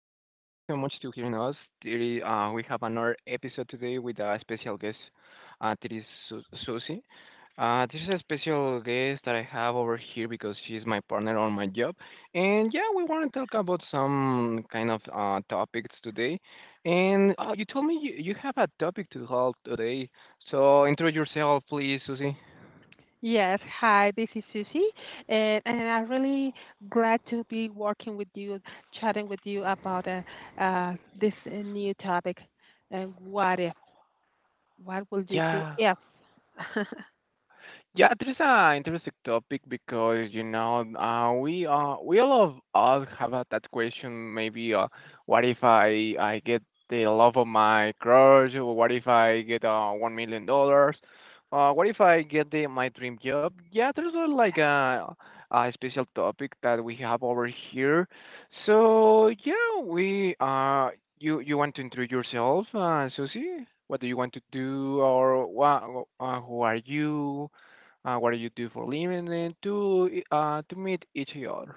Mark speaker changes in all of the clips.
Speaker 1: much to hearing us. Today, we have another episode today with a special guest, that is Susie. This is a special guest that I have over here because she is my partner on my job. And yeah, we want to talk about some kind of topics today. And you told me you have a topic to hold today. So intro yourself, please, Susie.
Speaker 2: Yes, hi, this is Susie, and I'm really glad to be working with you, chatting with you about this new topic. And what if? What will you do
Speaker 1: Yeah.
Speaker 2: if?
Speaker 1: Yeah, there is an interesting topic because we all of us have that question. Maybe what if I get the love of my crush, or what if I get $1 million, what if I get the my dream job? Yeah, there's like a special topic that we have over here. So yeah, we you want to introduce yourself, Susie? What do you want to do, who are you? What do you do for living, and to meet each other.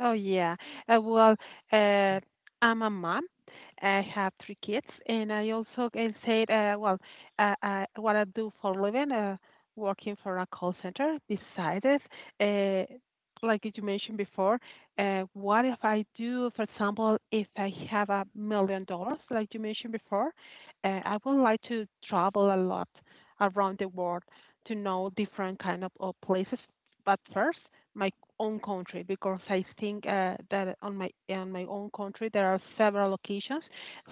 Speaker 2: Oh yeah. Uh, well, uh, I'm a mom. I have three kids, and I also can say, what I do for a living, working for a call center. Besides, uh, like you mentioned before, what if I do, for example, if I have $1 million, like you mentioned before. I would like to travel a lot around the world to know different kind of places. But first my own country, because I think that on my own country there are several locations,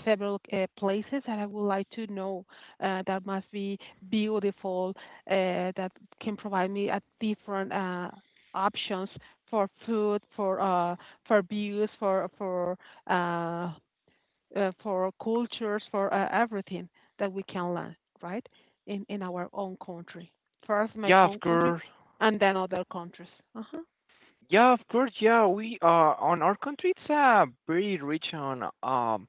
Speaker 2: several places that I would like to know, that must be beautiful, that can provide me a different options for food, for views, uh, for cultures, for everything that we can learn, right? In our own country. First, my
Speaker 1: Yeah, of
Speaker 2: own country,
Speaker 1: course.
Speaker 2: and then other countries. Uh-huh.
Speaker 1: Yeah, of course. Yeah, we are on our country. It's pretty rich on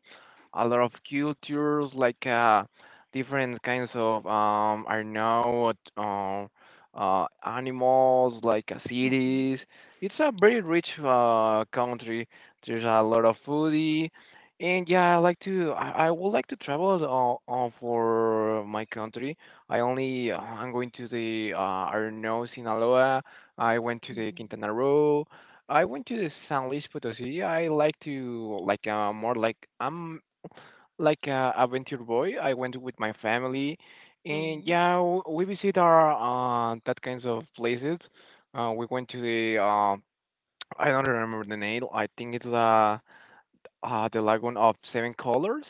Speaker 1: a lot of cultures, like different kinds of I don't know, animals, like
Speaker 2: Mhm,
Speaker 1: cities. It's a very rich country. There's a lot of foodie, and yeah, I like to. I would like to travel for my country. I'm going to the I don't know Sinaloa. I went to the
Speaker 2: mhm,
Speaker 1: Quintana Roo. I went to the San Luis Potosí. I like to like more like I'm like a adventure boy. I went with my family, and
Speaker 2: mhm,
Speaker 1: yeah, we visit our that kinds of places. We went to the I don't remember the name. I think it's the Lagoon of Seven Colors.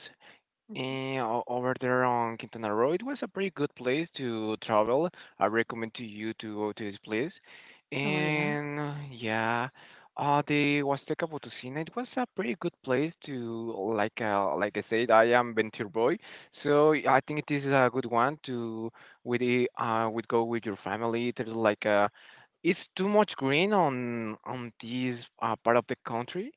Speaker 2: mhm.
Speaker 1: And over there on Quintana Roo, it was a pretty good place to travel. I recommend to you to go to this place.
Speaker 2: Oh, yeah.
Speaker 1: And yeah, the Huasteca Potosina, it was a pretty good place to like I said, I am Venture boy, so yeah, I think it is a good one to with go with your family. There's like a it's too much green on this part of the country,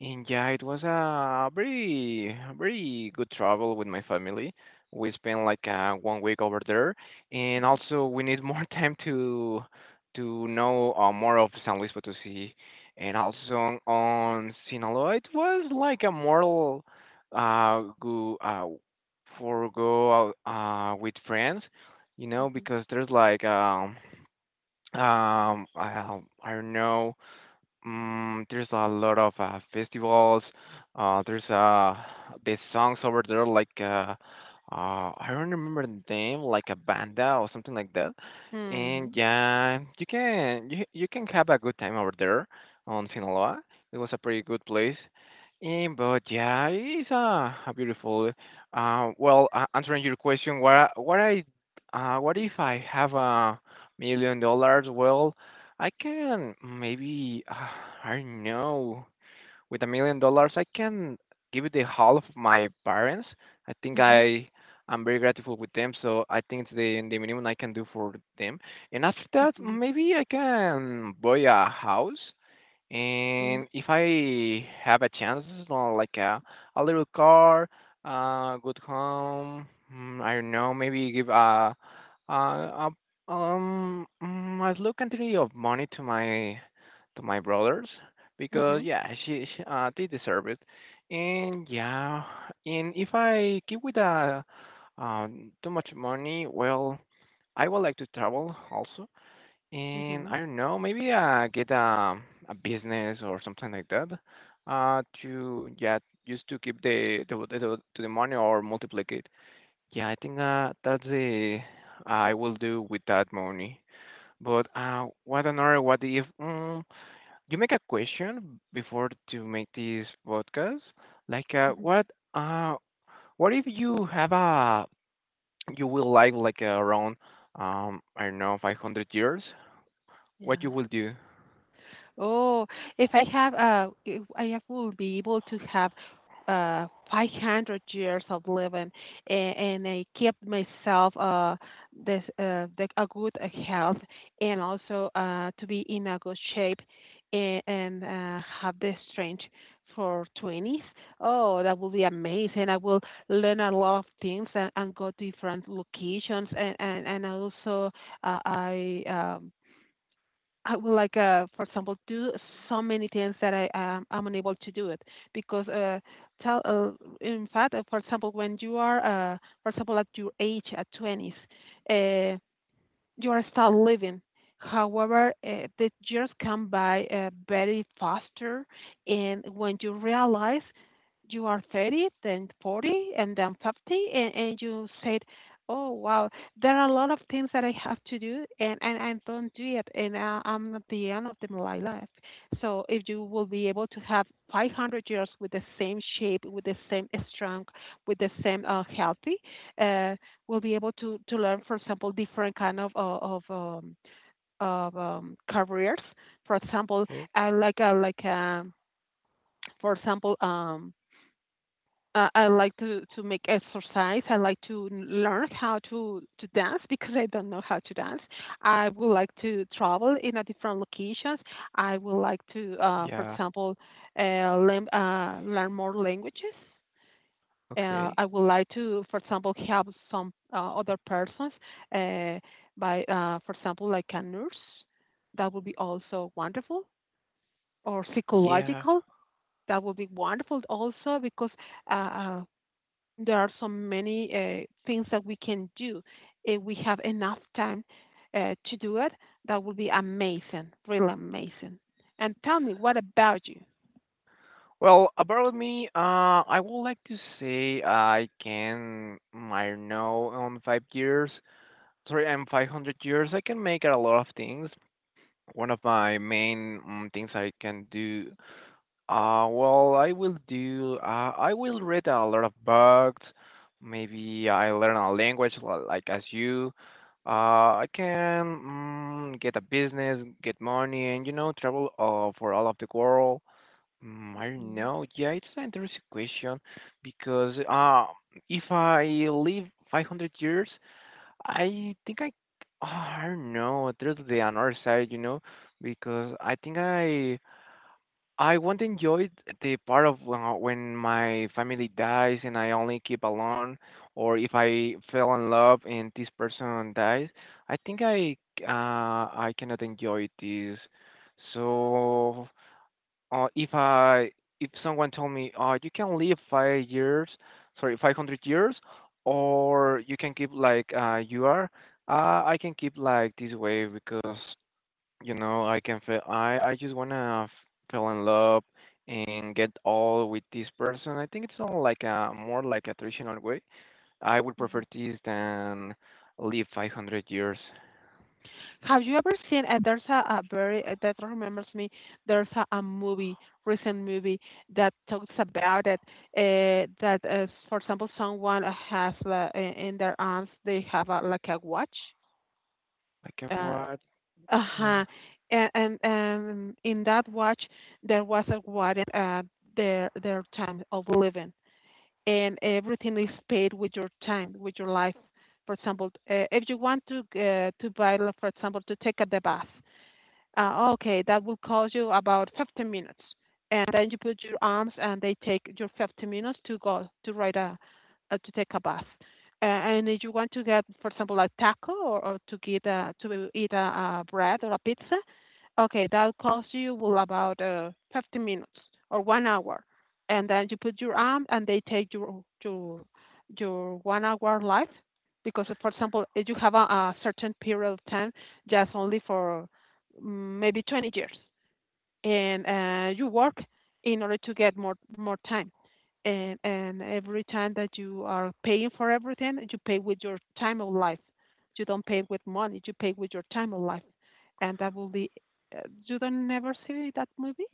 Speaker 1: and yeah, it was a very, very good travel with my family. We spent 1 week over there, and
Speaker 2: Mhm,
Speaker 1: also we need more time to know more of San Luis Potosí, and also on Sinaloa. It was like a moral, go for go out with friends,
Speaker 2: mhm,
Speaker 1: because there's like I don't know, there's a lot of festivals. There's these songs over there like I don't remember the name, like a banda or something like that. And
Speaker 2: mhm,
Speaker 1: yeah, you can have a good time over there on Sinaloa. It was a pretty good place. And But yeah, it's a beautiful. Answering your question, what if I have $1 million? Well, I can maybe, I don't know, with $1 million, I can give it the half of my parents. I think
Speaker 2: mhm,
Speaker 1: I I'm very grateful with them, so I think it's the minimum I can do for them. And after that,
Speaker 2: mhm,
Speaker 1: maybe I can buy a house.
Speaker 2: mhm,
Speaker 1: And if I have a chance, like a little car, good home, I don't know, maybe give a, a a slow quantity of money to my brothers because
Speaker 2: mhm,
Speaker 1: yeah, she they deserve it. And yeah, and if I keep with a too much money, well, I would like to travel also, and
Speaker 2: mhm,
Speaker 1: I don't know, maybe get a business or something like that. To Yeah, just to keep the money or multiplicate. Yeah, I think that's the I will do with that money. But What another? What if? You make a question before to make this podcast. Like uh,
Speaker 2: mhm.
Speaker 1: what? Uh, what if you have a you will live like around I don't know 500 years? What
Speaker 2: Yeah.
Speaker 1: you will do?
Speaker 2: Oh, if I have, will be able to have 500 years of living, and I keep myself this the, a good health, and also to be in a good shape, and have the strength for twenties. Oh, that will be amazing. I will learn a lot of things and go to different locations, and also uh, I um, I would like, for example, do so many things that I'm unable to do it because tell in fact, for example, when you are for example at your age at twenties, uh, you are still living. However, the years come by very faster, and when you realize you are 30, then 40, and then 50, and you said, "Oh wow, there are a lot of things that I have to do, and I don't do it, and I, I'm at the end of the, my life." So if you will be able to have 500 years with the same shape, with the same strength, with the same healthy. Uh, will be able to learn, for example, different kind of careers. For example, I like for example I like to make exercise. I like to learn how to dance because I don't know how to dance. I would like to travel in a different locations. I would like to, for
Speaker 1: Yeah.
Speaker 2: example, uh, learn, learn more languages,
Speaker 1: Okay.
Speaker 2: I would like to, for example, help some other persons, uh, by, for example, like a nurse. That would be also wonderful, or
Speaker 1: Yeah.
Speaker 2: psychological. That would be wonderful also because uh, uh, there are so many things that we can do if we have enough time to do it. That would be amazing, really amazing. And tell me, what about you?
Speaker 1: Well, about me, I would like to say I can, I don't know, on 5 years, sorry, I'm 500 years, I can make a lot of things. One of my main things I can do, well, I will read a lot of books. Maybe I learn a language like as you. I can, get a business, get money, and travel for all of the world. I don't know. Yeah, it's an interesting question because if I live 500 years, I think I don't know. There's the another side, because I think I won't enjoy the part of when my family dies and I only keep alone, or if I fell in love and this person dies. I think I cannot enjoy this. So uh, if I if someone told me, you can live 5 years, sorry, 500 years, or you can keep like you are, I can keep like this way because you know I can feel I just wanna f fell in love and get all with this person. I think it's not like a more like a traditional way. I would prefer this than live 500 years.
Speaker 2: Have you ever seen? There's a very that remembers me. There's a movie, recent movie that talks about it. That, for example, someone has in their arms they have a, like a watch.
Speaker 1: Like a
Speaker 2: Uh
Speaker 1: what? Yeah.
Speaker 2: huh. And in that watch there was a warrant. Their time of living, and everything is paid with your time, with your life. For example, if you want to buy, like, for example, to take a the bath, okay, that will cost you about 15 minutes. And then you put your arms and they take your 15 minutes to go to ride a, to take a bath. And if you want to get, for example, a taco or to get a, to eat a bread or a pizza, okay, that costs you will about 50 minutes or 1 hour. And then you put your arm and they take your your 1 hour life because, for example, if you have a certain period of time just only for maybe 20 years and you work in order to get more time, and every time that you are paying for everything, you pay with your time of life, you don't pay with money, you pay with your time of life. And that will be, you don't never see that movie?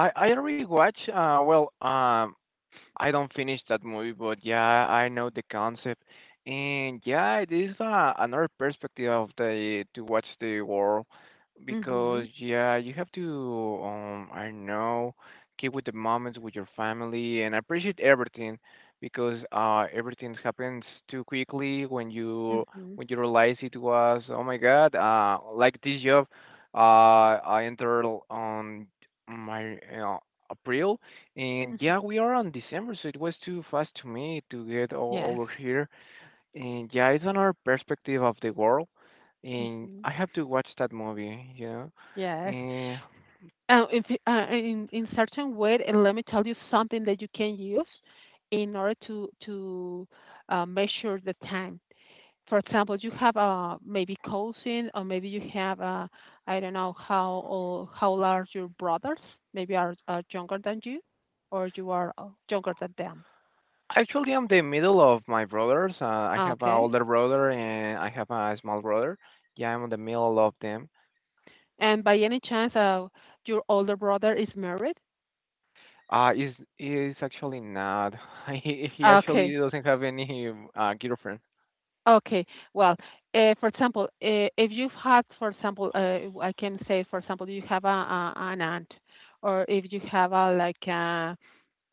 Speaker 1: I already watch well I don't finish that movie, but yeah, I know the concept, and yeah, it is another perspective of the to watch the world because
Speaker 2: Mhm.
Speaker 1: yeah, you have to I don't know keep with the moments with your family and appreciate everything because everything happens too quickly when you
Speaker 2: Mhm.
Speaker 1: realize it was oh my god like this job, uh I entered on my you know, April, and
Speaker 2: Mhm.
Speaker 1: yeah, we are on December, so it was too fast to me to get o
Speaker 2: Yes.
Speaker 1: over here. And yeah, it's another perspective of the world. And
Speaker 2: Mhm.
Speaker 1: I have to watch that movie.
Speaker 2: Yes.
Speaker 1: And
Speaker 2: If, you- in certain way, and let me tell you something that you can use in order to measure the time. For example, you have a maybe cousin, or maybe you have a, I don't know, how old are your brothers? Maybe are younger than you, or you are younger than them.
Speaker 1: actually, I'm the middle of my brothers. I have an
Speaker 2: Okay.
Speaker 1: older brother and I have a small brother. Yeah, I'm in the middle of them.
Speaker 2: And by any chance, your older brother is married?
Speaker 1: Is actually not. He
Speaker 2: Ah,
Speaker 1: actually
Speaker 2: okay.
Speaker 1: doesn't have any girlfriend.
Speaker 2: Okay. Well, for example, if you've had, for example, I can say, for example, you have a an aunt, or if you have a like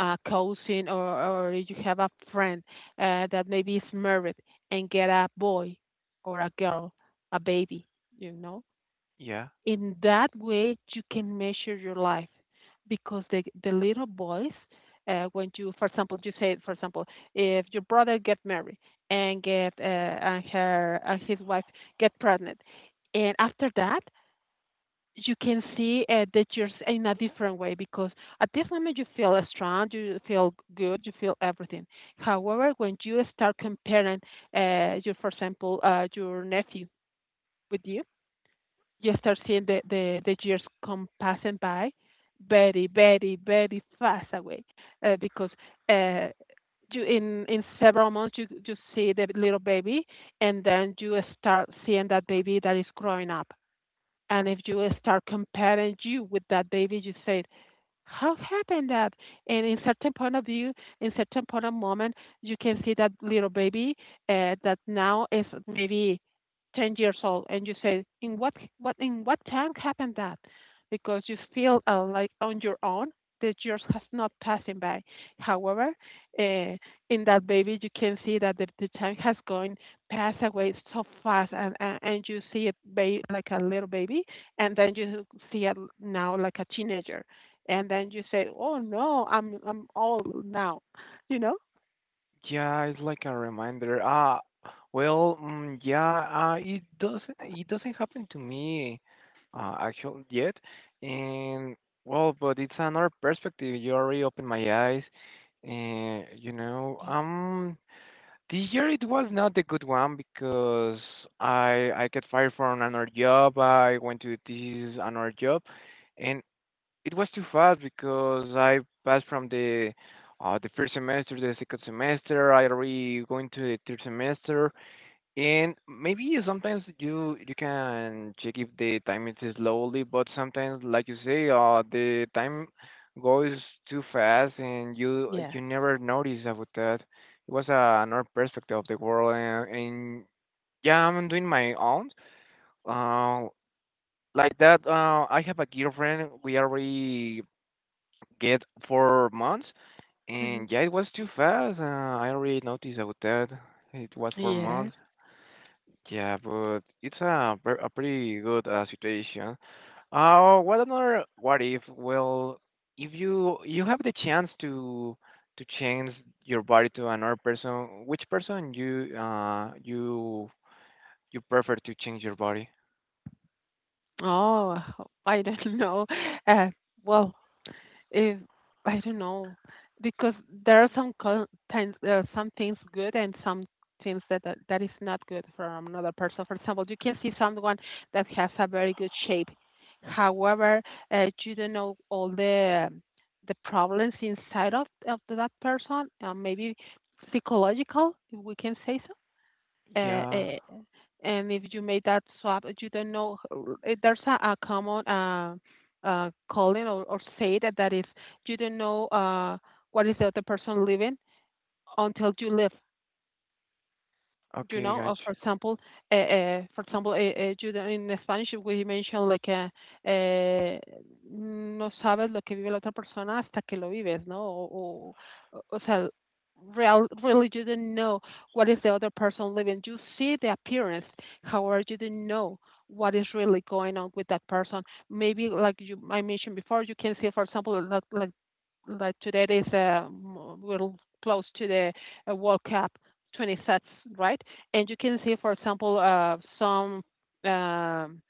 Speaker 2: a cousin, or you have a friend, that maybe is married and get a boy or a girl, a baby, you know,
Speaker 1: Yeah.
Speaker 2: in that way you can measure your life. Because the little boys, when you, for example, you say, for example, if your brother get married and get and her and his wife get pregnant, and after that you can see that you're s- in a different way, because at this moment you feel strong, you feel good, you feel everything. However, when you start comparing, your, for example, your nephew with you, you start seeing the years come passing by very, very, very fast away, because uh, you in several months you see the little baby, and then you start seeing that baby that is growing up. And if you start comparing you with that baby, you say, how happened that? And in certain point of view, in certain point of moment, you can see that little baby that now is maybe 10 years old, and you say, in what in what time happened that? Because you feel like on your own that years has not passing by. However, uh, in that baby, you can see that the time has gone passed away so fast, and you see it ba- like a little baby, and then you see it now like a teenager, and then you say, "Oh no, I'm old now," you know?
Speaker 1: Yeah, it's like a reminder. Ah, well, yeah, it doesn't happen to me actually yet. And well, but it's another perspective. You already opened my eyes. And this year it was not a good one because I get fired from another job. I went to this another job, and it was too fast because I passed from the first semester, the second semester. I already going to the third semester, and maybe sometimes you can check if the time is slowly, but sometimes, like you say, the time goes too fast, and you
Speaker 2: Yes.
Speaker 1: you never notice about that. It was another perspective of the world, and yeah, I'm doing my own. Uh, like that, I have a girlfriend. We already get 4 months.
Speaker 2: Hmm.
Speaker 1: And yeah, it was too fast. I already noticed about that. It was four
Speaker 2: Yes.
Speaker 1: months. Yeah, but it's a pretty good situation. What another what if? Well, if you have the chance to change your body to another person, which person you prefer to change your body?
Speaker 2: Oh, I don't know. Uh, well, if I don't know because there are some co- times there are some things good and some things that, that that is not good for another person. For example, you can see someone that has a very good shape, however, you don't know all the problems inside of that person, maybe psychological, if we can say so. Uh,
Speaker 1: Yeah.
Speaker 2: uh, and if you made that swap, you don't know. H- There's a common calling or say that that is you don't know what is the other person living until you live, you
Speaker 1: Okay,
Speaker 2: know. Or
Speaker 1: gotcha.
Speaker 2: for example, you know, in Spanish we mention like uh, no sabes lo que vive la otra persona hasta que lo vives no o, o, o sea, real, really you didn't know what is the other person living, you see the appearance, however you didn't know what is really going on with that person. Maybe like you I mentioned before, you can see for example like today is a little close to the World Cup 20 sets, right? And you can see, for example, um,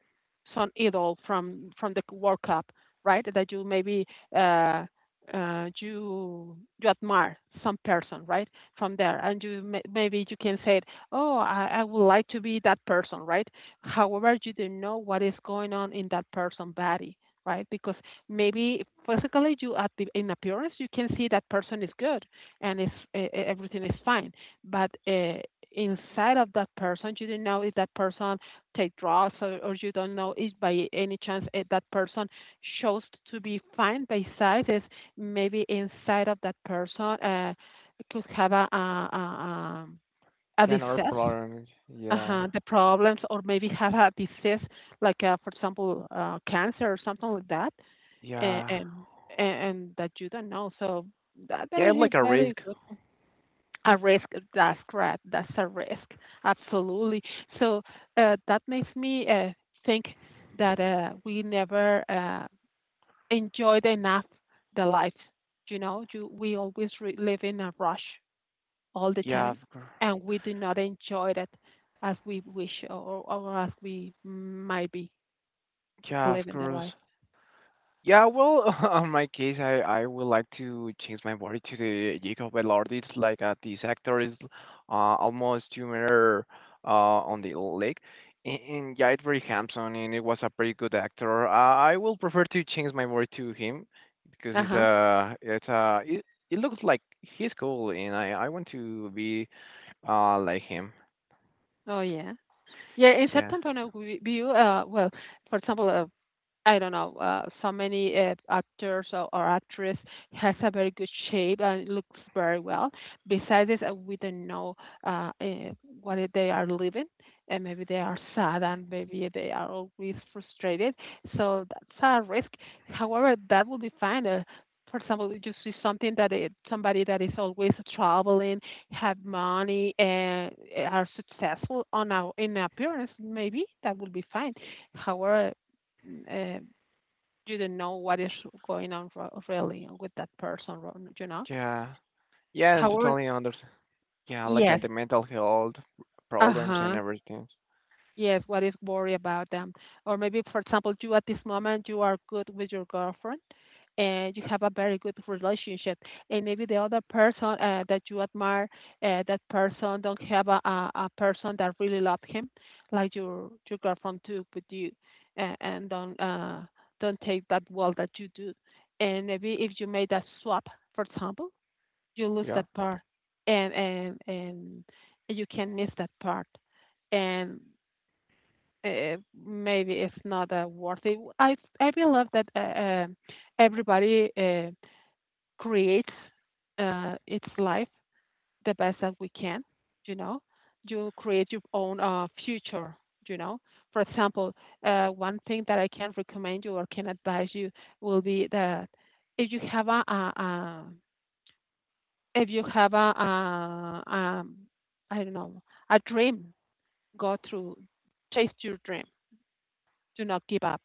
Speaker 2: some idol from the World Cup, right? That you maybe uh, you you admire some person, right? From there, and you may, maybe you can say, "Oh, I would like to be that person," right? However, you don't know what is going on in that person's body, right? Because maybe physically you at the in appearance you can see that person is good and is everything is fine, but inside of that person you don't know if that person take drugs, or you don't know if by any chance eh, that person shows to be fine by size is maybe inside of that person could have a, um, a
Speaker 1: Yeah, another
Speaker 2: disease,
Speaker 1: problem. Yeah.
Speaker 2: the problems, or maybe have a disease like for example cancer or something like that. and
Speaker 1: Yeah.
Speaker 2: and, and that you don't know. So that, that
Speaker 1: Yeah, I
Speaker 2: is a
Speaker 1: like a
Speaker 2: very
Speaker 1: risk.
Speaker 2: good one. A risk, that's correct. That's a risk, absolutely. So that makes me think that we never enjoyed enough the life. You know, we always live in a rush all the
Speaker 1: Yeah,
Speaker 2: time,
Speaker 1: of course.
Speaker 2: and we do not enjoy it as we wish or as we might be
Speaker 1: Yeah, of
Speaker 2: living the life.
Speaker 1: course. Yeah, well, on my case, I would like to change my body to the Jacob Velarde. It's like this actor is almost 2 meter on the leg. And yeah, it's very handsome and it was a pretty good actor. I will prefer to change my body to him because
Speaker 2: Uh
Speaker 1: he's
Speaker 2: huh.
Speaker 1: a, it's a, it looks like he's cool and I want to be like him.
Speaker 2: Oh, yeah. Yeah, in
Speaker 1: Yeah,
Speaker 2: certain point of view, well, for example, I don't know, so many actors or actress has a very good shape and looks very well. Besides this, we don't know uh, uh, what they are living, and maybe they are sad and maybe they are always frustrated. So that's a risk. However, that will be fine. For example, you see something that somebody that is always traveling, have money, and are successful on our in appearance, maybe that will be fine. However, uh, you don't know what is going on really with that person, you know?
Speaker 1: yeah. Yeah, and
Speaker 2: However,
Speaker 1: totally understand. Yeah, like
Speaker 2: yes,
Speaker 1: the mental health
Speaker 2: uh
Speaker 1: problems and
Speaker 2: huh,
Speaker 1: everything.
Speaker 2: yes, what is worry about them? Or maybe, for example, you at this moment you are good with your girlfriend and you have a very good relationship, and maybe the other person that you admire, that person don't have a person that really love him, like your girlfriend took with you, and, don't don't take that well that you do and maybe if you made a swap, for example, you lose that
Speaker 1: Yeah.
Speaker 2: part and you can miss that part and uh, maybe it's not worth it. I believe that everybody creates its life the best that we can. You know, you create your own future. You know, for example, one thing that I can recommend you or can advise you will be that if you have a if you have a I don't know, a dream, go through, chase your dream. Do not give up.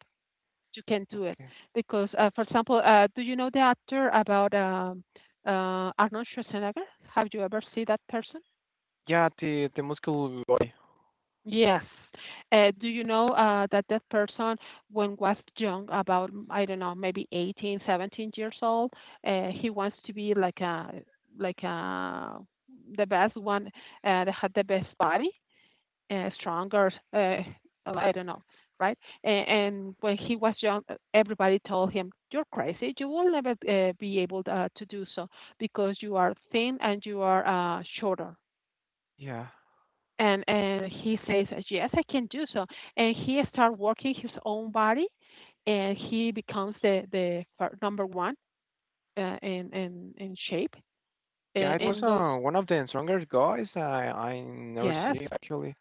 Speaker 2: You can do it
Speaker 1: Okay.
Speaker 2: because, for example, do you know the actor about Arnold Schwarzenegger? Have you ever seen that person?
Speaker 1: Yeah, the muscle guy.
Speaker 2: Yes. Do you know that person, when was young, about, I don't know, maybe 18, 17 years old, he wants to be like a, the best one that had the best body. Uh, stronger. I don't know, right? And, when he was young, everybody told him, "You're crazy. You will never be able to do so because you are thin and you are shorter."
Speaker 1: Yeah.
Speaker 2: And he says, "Yes, I can do so." And he start working his own body, and he becomes the number one in shape
Speaker 1: Yeah, it was
Speaker 2: in those.
Speaker 1: one of the strongest guys I never
Speaker 2: Yes,
Speaker 1: see actually.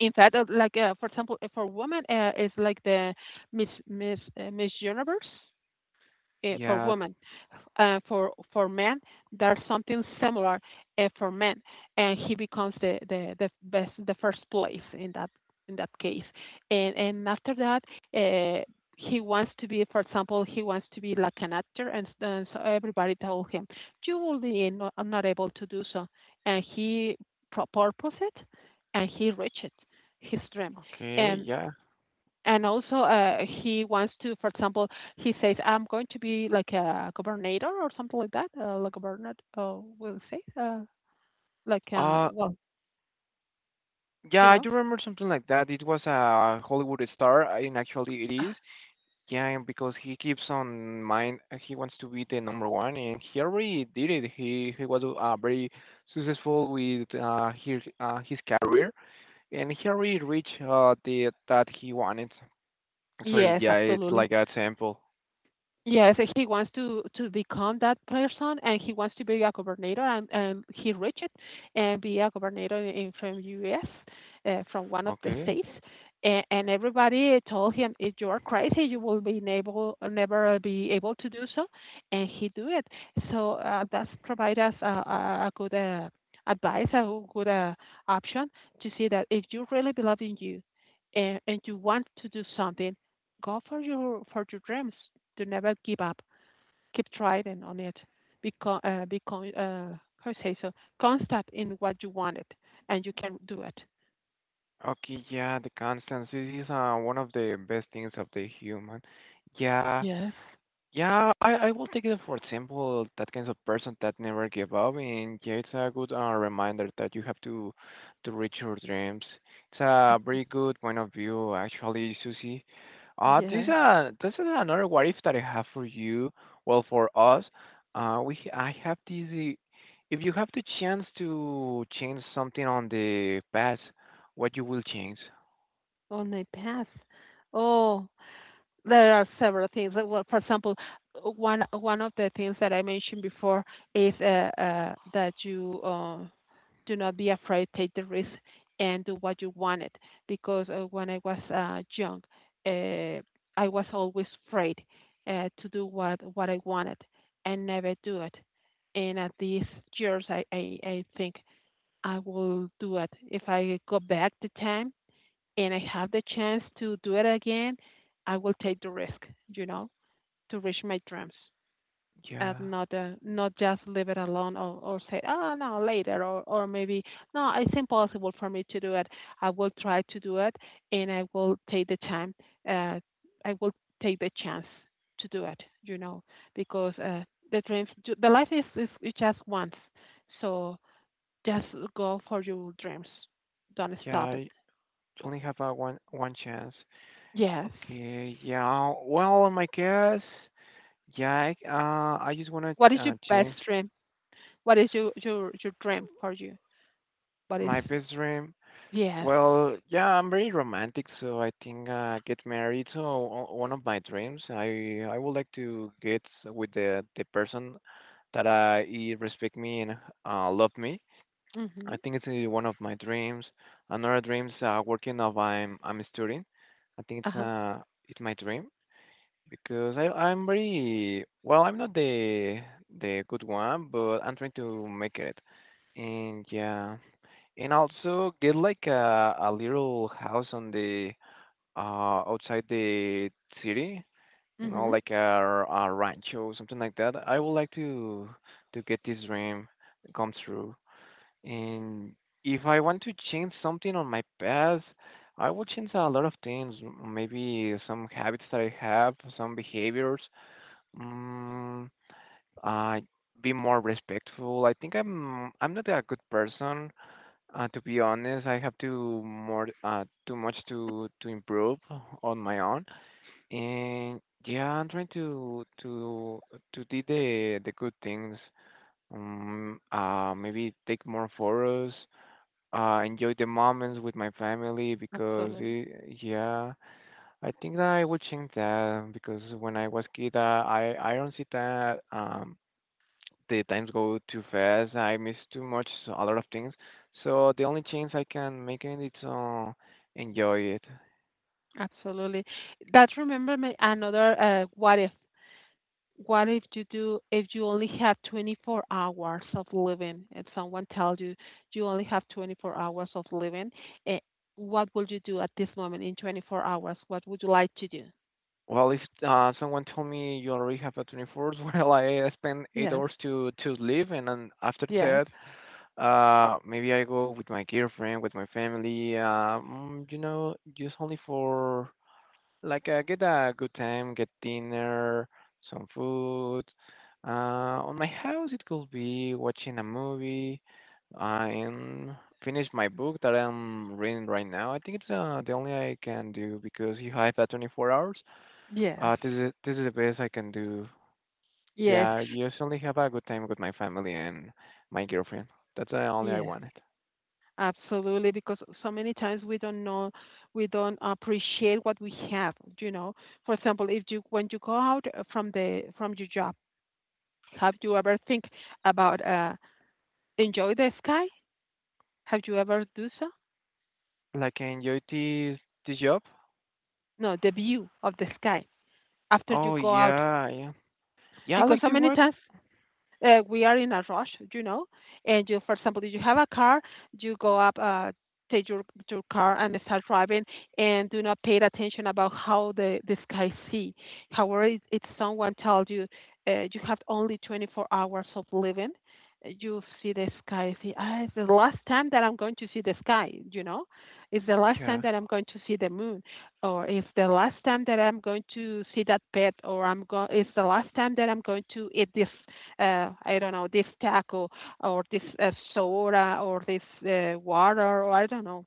Speaker 2: in fact, like for example, for women, it's like the Miss Universe for
Speaker 1: Yeah.
Speaker 2: women, for men, there's something similar for men, and he becomes the best the first place in that case, and after that. Uh, he wants to be, for example, he wants to be like an actor, and, so everybody told him, "You will be not able to do so." And he proposed it, and he reached it, his dream.
Speaker 1: Okay.
Speaker 2: And
Speaker 1: Yeah.
Speaker 2: and also he wants to for example he says I'm going to be like a governor or something like that like governor we'll say
Speaker 1: Uh.
Speaker 2: well
Speaker 1: Yeah,
Speaker 2: you
Speaker 1: I
Speaker 2: know.
Speaker 1: do remember something like that. It was a Hollywood star, and actually it
Speaker 2: Uh,
Speaker 1: is. Yeah, and because he keeps on mind, he wants to be the number one, and he already did it. He was very successful with his career. And Harry reached the that he wanted. So
Speaker 2: yes,
Speaker 1: yeah, it's
Speaker 2: absolutely.
Speaker 1: like a temple.
Speaker 2: Yes, and he wants to become that person, and he wants to be a governor, and, he reached it and be a governor in from U.S. From one of the
Speaker 1: Okay.
Speaker 2: states, and, everybody told him, "If you are crazy, you will be able never be able to do so," and he do it. So that's provide us a good advice, a good option to see that if you really believe in you, and, you want to do something, go for your dreams to never give up. Keep trying on it. Because, how say so? Constant in what you wanted, and you can do it.
Speaker 1: Okay, yeah, the constants. This is one of the best things of the human. Yeah,
Speaker 2: Yes.
Speaker 1: yeah, I will take it for example that kind of person that never give up, and yeah, it's a good reminder that you have to reach your dreams. It's
Speaker 2: Uh,
Speaker 1: a very good point of view, actually, Susie.
Speaker 2: yes,
Speaker 1: This is another what if that I have for you. Well, for us, I have this. If you have the chance to change something on the past, what you will change?
Speaker 2: on my path. Oh, there are several things. Well, for example, one of the things that I mentioned before is that you do not be afraid, take the risk, and do what you wanted. Because when I was young, uh, I was always afraid to do what I wanted and never do it. And at these years, I think I will do it. If I go back the time and I have the chance to do it again, I will take the risk, you know, to reach my dreams and
Speaker 1: Yeah,
Speaker 2: not just leave it alone or say, oh no, later or maybe no, it's impossible for me to do it. I will try to do it and I will take the time. Uh, I will take the chance to do it, you know, because the dreams, the life is just once, so just go for your dreams. Don't
Speaker 1: yeah.
Speaker 2: stop it.
Speaker 1: I only have a one chance.
Speaker 2: Yes.
Speaker 1: Okay, yeah. Well, in my case, yeah, I just want
Speaker 2: What
Speaker 1: to
Speaker 2: is your best
Speaker 1: change
Speaker 2: dream? What is your dream for you? What is
Speaker 1: my best dream.
Speaker 2: yes.
Speaker 1: Well, yeah, I'm very romantic, so I think get married. So one of my dreams, I would like to get with the person that he respect me and love me. I
Speaker 2: Mhm.
Speaker 1: think it's one of my dreams. Another dreams working of I'm a student. I think it's
Speaker 2: Uh-huh.
Speaker 1: uh it's my dream. Because I'm very well. I'm not the good one, but I'm trying to make it. And yeah, and also get like a little house on the outside the city. You know,
Speaker 2: Mhm.
Speaker 1: like a rancho, something like that. I would like to get this dream come true. And if I want to change something on my past, I would change a lot of things. Maybe some habits that I have, some behaviors. Mm, I be more respectful. I think I'm not a good person. To be honest, I have to more too much to improve on my own. And yeah, I'm trying to to do the good things. Maybe take more photos. Enjoy the moments with my family because
Speaker 2: Absolutely.
Speaker 1: yeah, I think that I will change that because when I was kid, I don't see that the times go too fast. I miss too much, so a lot of things. So the only change I can make in it is enjoy it.
Speaker 2: Absolutely. That remember me another what if, what if you do, if you only have 24 hours of living, if someone tells you you only have 24 hours of living, eh, what would you do at this moment in 24 hours, what would you like to do?
Speaker 1: Well, if someone told me you already have a 24th, well, I spend eight
Speaker 2: Yes,
Speaker 1: hours to live, and then after
Speaker 2: yes,
Speaker 1: that, maybe I go with my girlfriend, with my family. You know, just only for like get a good time, get dinner, some food. Uh, on my house, it could be watching a movie. I'm finish my book that I'm reading right now. I think it's the only I can do because you have that 24 hours.
Speaker 2: yes,
Speaker 1: This is the best I can do.
Speaker 2: yes,
Speaker 1: Yeah, just only have a good time with my family and my girlfriend. That's the only I
Speaker 2: yes.
Speaker 1: wanted.
Speaker 2: Absolutely, because so many times we don't know, we don't appreciate what we have, you know. For example, if you when you go out from the from your job, have you ever think about enjoy the sky? Have you ever do so?
Speaker 1: Like I enjoy this this job.
Speaker 2: No, the view of the sky after you
Speaker 1: Oh
Speaker 2: go out.
Speaker 1: yeah, yeah. Yeah, I
Speaker 2: Because
Speaker 1: like
Speaker 2: so
Speaker 1: to
Speaker 2: many
Speaker 1: watch.
Speaker 2: times we are in a rush, you know. And you, for example, if you have a car, you go up, take your car and start driving, and do not pay attention about how the sky see. However, if someone tells you you have only 24 hours of living, you see the sky. See, ah, it's the last time that I'm going to see the sky. You know, it's the last time
Speaker 1: Yeah,
Speaker 2: that I'm going to see the moon, or it's the last time that I'm going to see that pet, or I'm go. It's the last time that I'm going to eat this I don't know, this taco or this soda or this water or I don't know.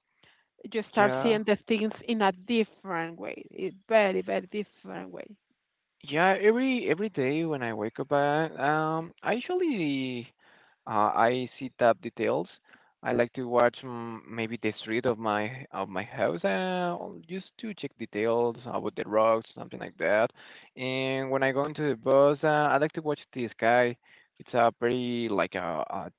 Speaker 2: You start
Speaker 1: yeah.
Speaker 2: seeing the things in a different way, a very, very different way.
Speaker 1: Yeah, every day when I wake up, I usually I see tab details. I like to watch mm, maybe the street of my house, just to check details about the rocks, something like that. And when I go into the bus, I like to watch the sky. It's a pretty like a, a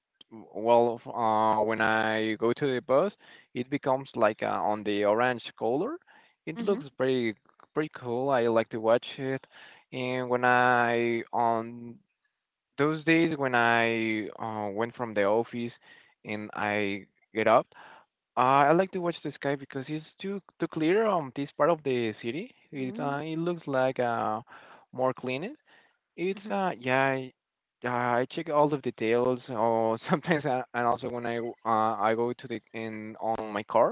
Speaker 1: well, f- uh, when I go to the bus, it becomes like on the orange color. It
Speaker 2: Hmm.
Speaker 1: looks pretty pretty cool. I like to watch it. And when I on those days when I went from the office and I get up, uh, I like to watch the sky because it's too too clear on this part of the city. It
Speaker 2: Mm-hmm.
Speaker 1: it looks like more clean. It's uh yeah. I- I check all the details, or sometimes, and also when I go to the in on my car,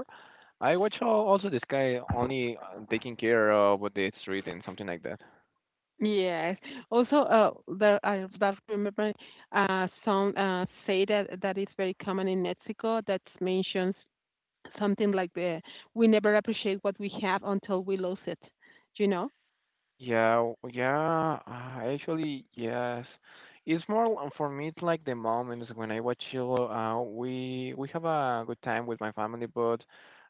Speaker 1: I watch also the sky, only taking care of the street and something like that.
Speaker 2: Yes. Also, there I that remember some say that that is very common in Mexico that mentions something like the we never appreciate what we have until we lose it. You know?
Speaker 1: Yeah, yeah, actually, yes. It's more for me. It's like the moments when I watch Chilo. We have a good time with my family, but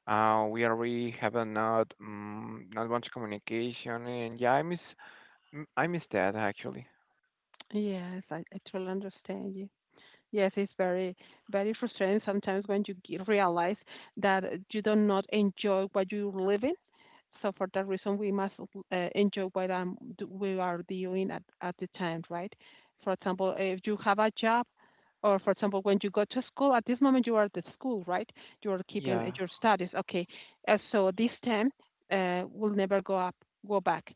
Speaker 1: we are really have a not not much communication, and yeah, I miss I miss that actually.
Speaker 2: Yes, I totally understand. Yes, it's very, very frustrating sometimes when you realize that you do not enjoy what you live in. So for that reason, we must enjoy what we are doing at the time, right? For example, if you have a job, or for example, when you go to school, at this moment you are at the school, right? You are keeping
Speaker 1: Yeah.
Speaker 2: your studies. Okay, so this time will never go up, go back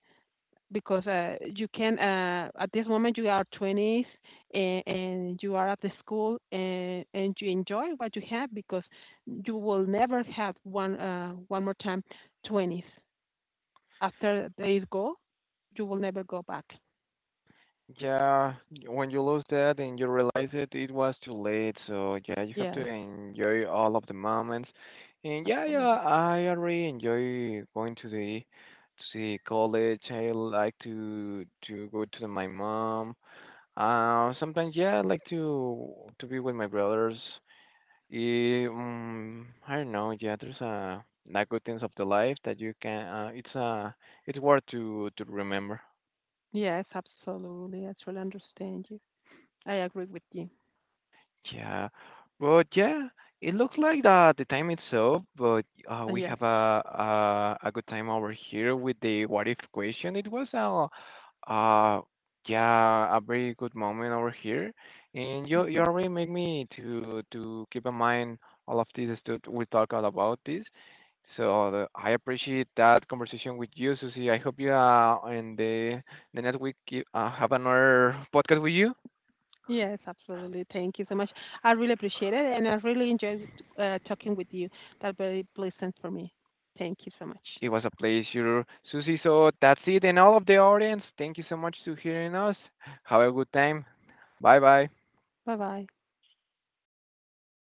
Speaker 2: because you can at this moment you are 20s and, you are at the school and, you enjoy what you have because you will never have one more time 20s after they go. You will never go back.
Speaker 1: Yeah, when you lose that and you realize it, it was too late. So yeah, you have to
Speaker 2: Yes,
Speaker 1: enjoy all of the moments. And yeah, yeah,
Speaker 2: absolutely.
Speaker 1: I already enjoy going to the college. I like to go to my mom. Sometimes yeah, I like to be with my brothers. Eh, um, I don't know. Yeah, there's a not good things of the life that you can. It's worth to remember.
Speaker 2: Yes, absolutely, I truly understand you. I agree with you.
Speaker 1: Yeah, but yeah, it looks like the time is up, but we
Speaker 2: Yes.
Speaker 1: have a good time over here with the what if question. It was uh yeah a very good moment over here, and you already make me to keep in mind all of this stuff we talk all about this. So I appreciate that conversation with you, Susie. I hope you in the next week you, have another podcast with you.
Speaker 2: Yes, absolutely. Thank you so much. I really appreciate it, and I really enjoyed talking with you. That very pleasant for me. Thank you so much.
Speaker 1: It was a pleasure, Susie. So that's it, and all of the audience. Thank you so much for hearing us. Have a good time. Bye bye.
Speaker 2: Bye bye.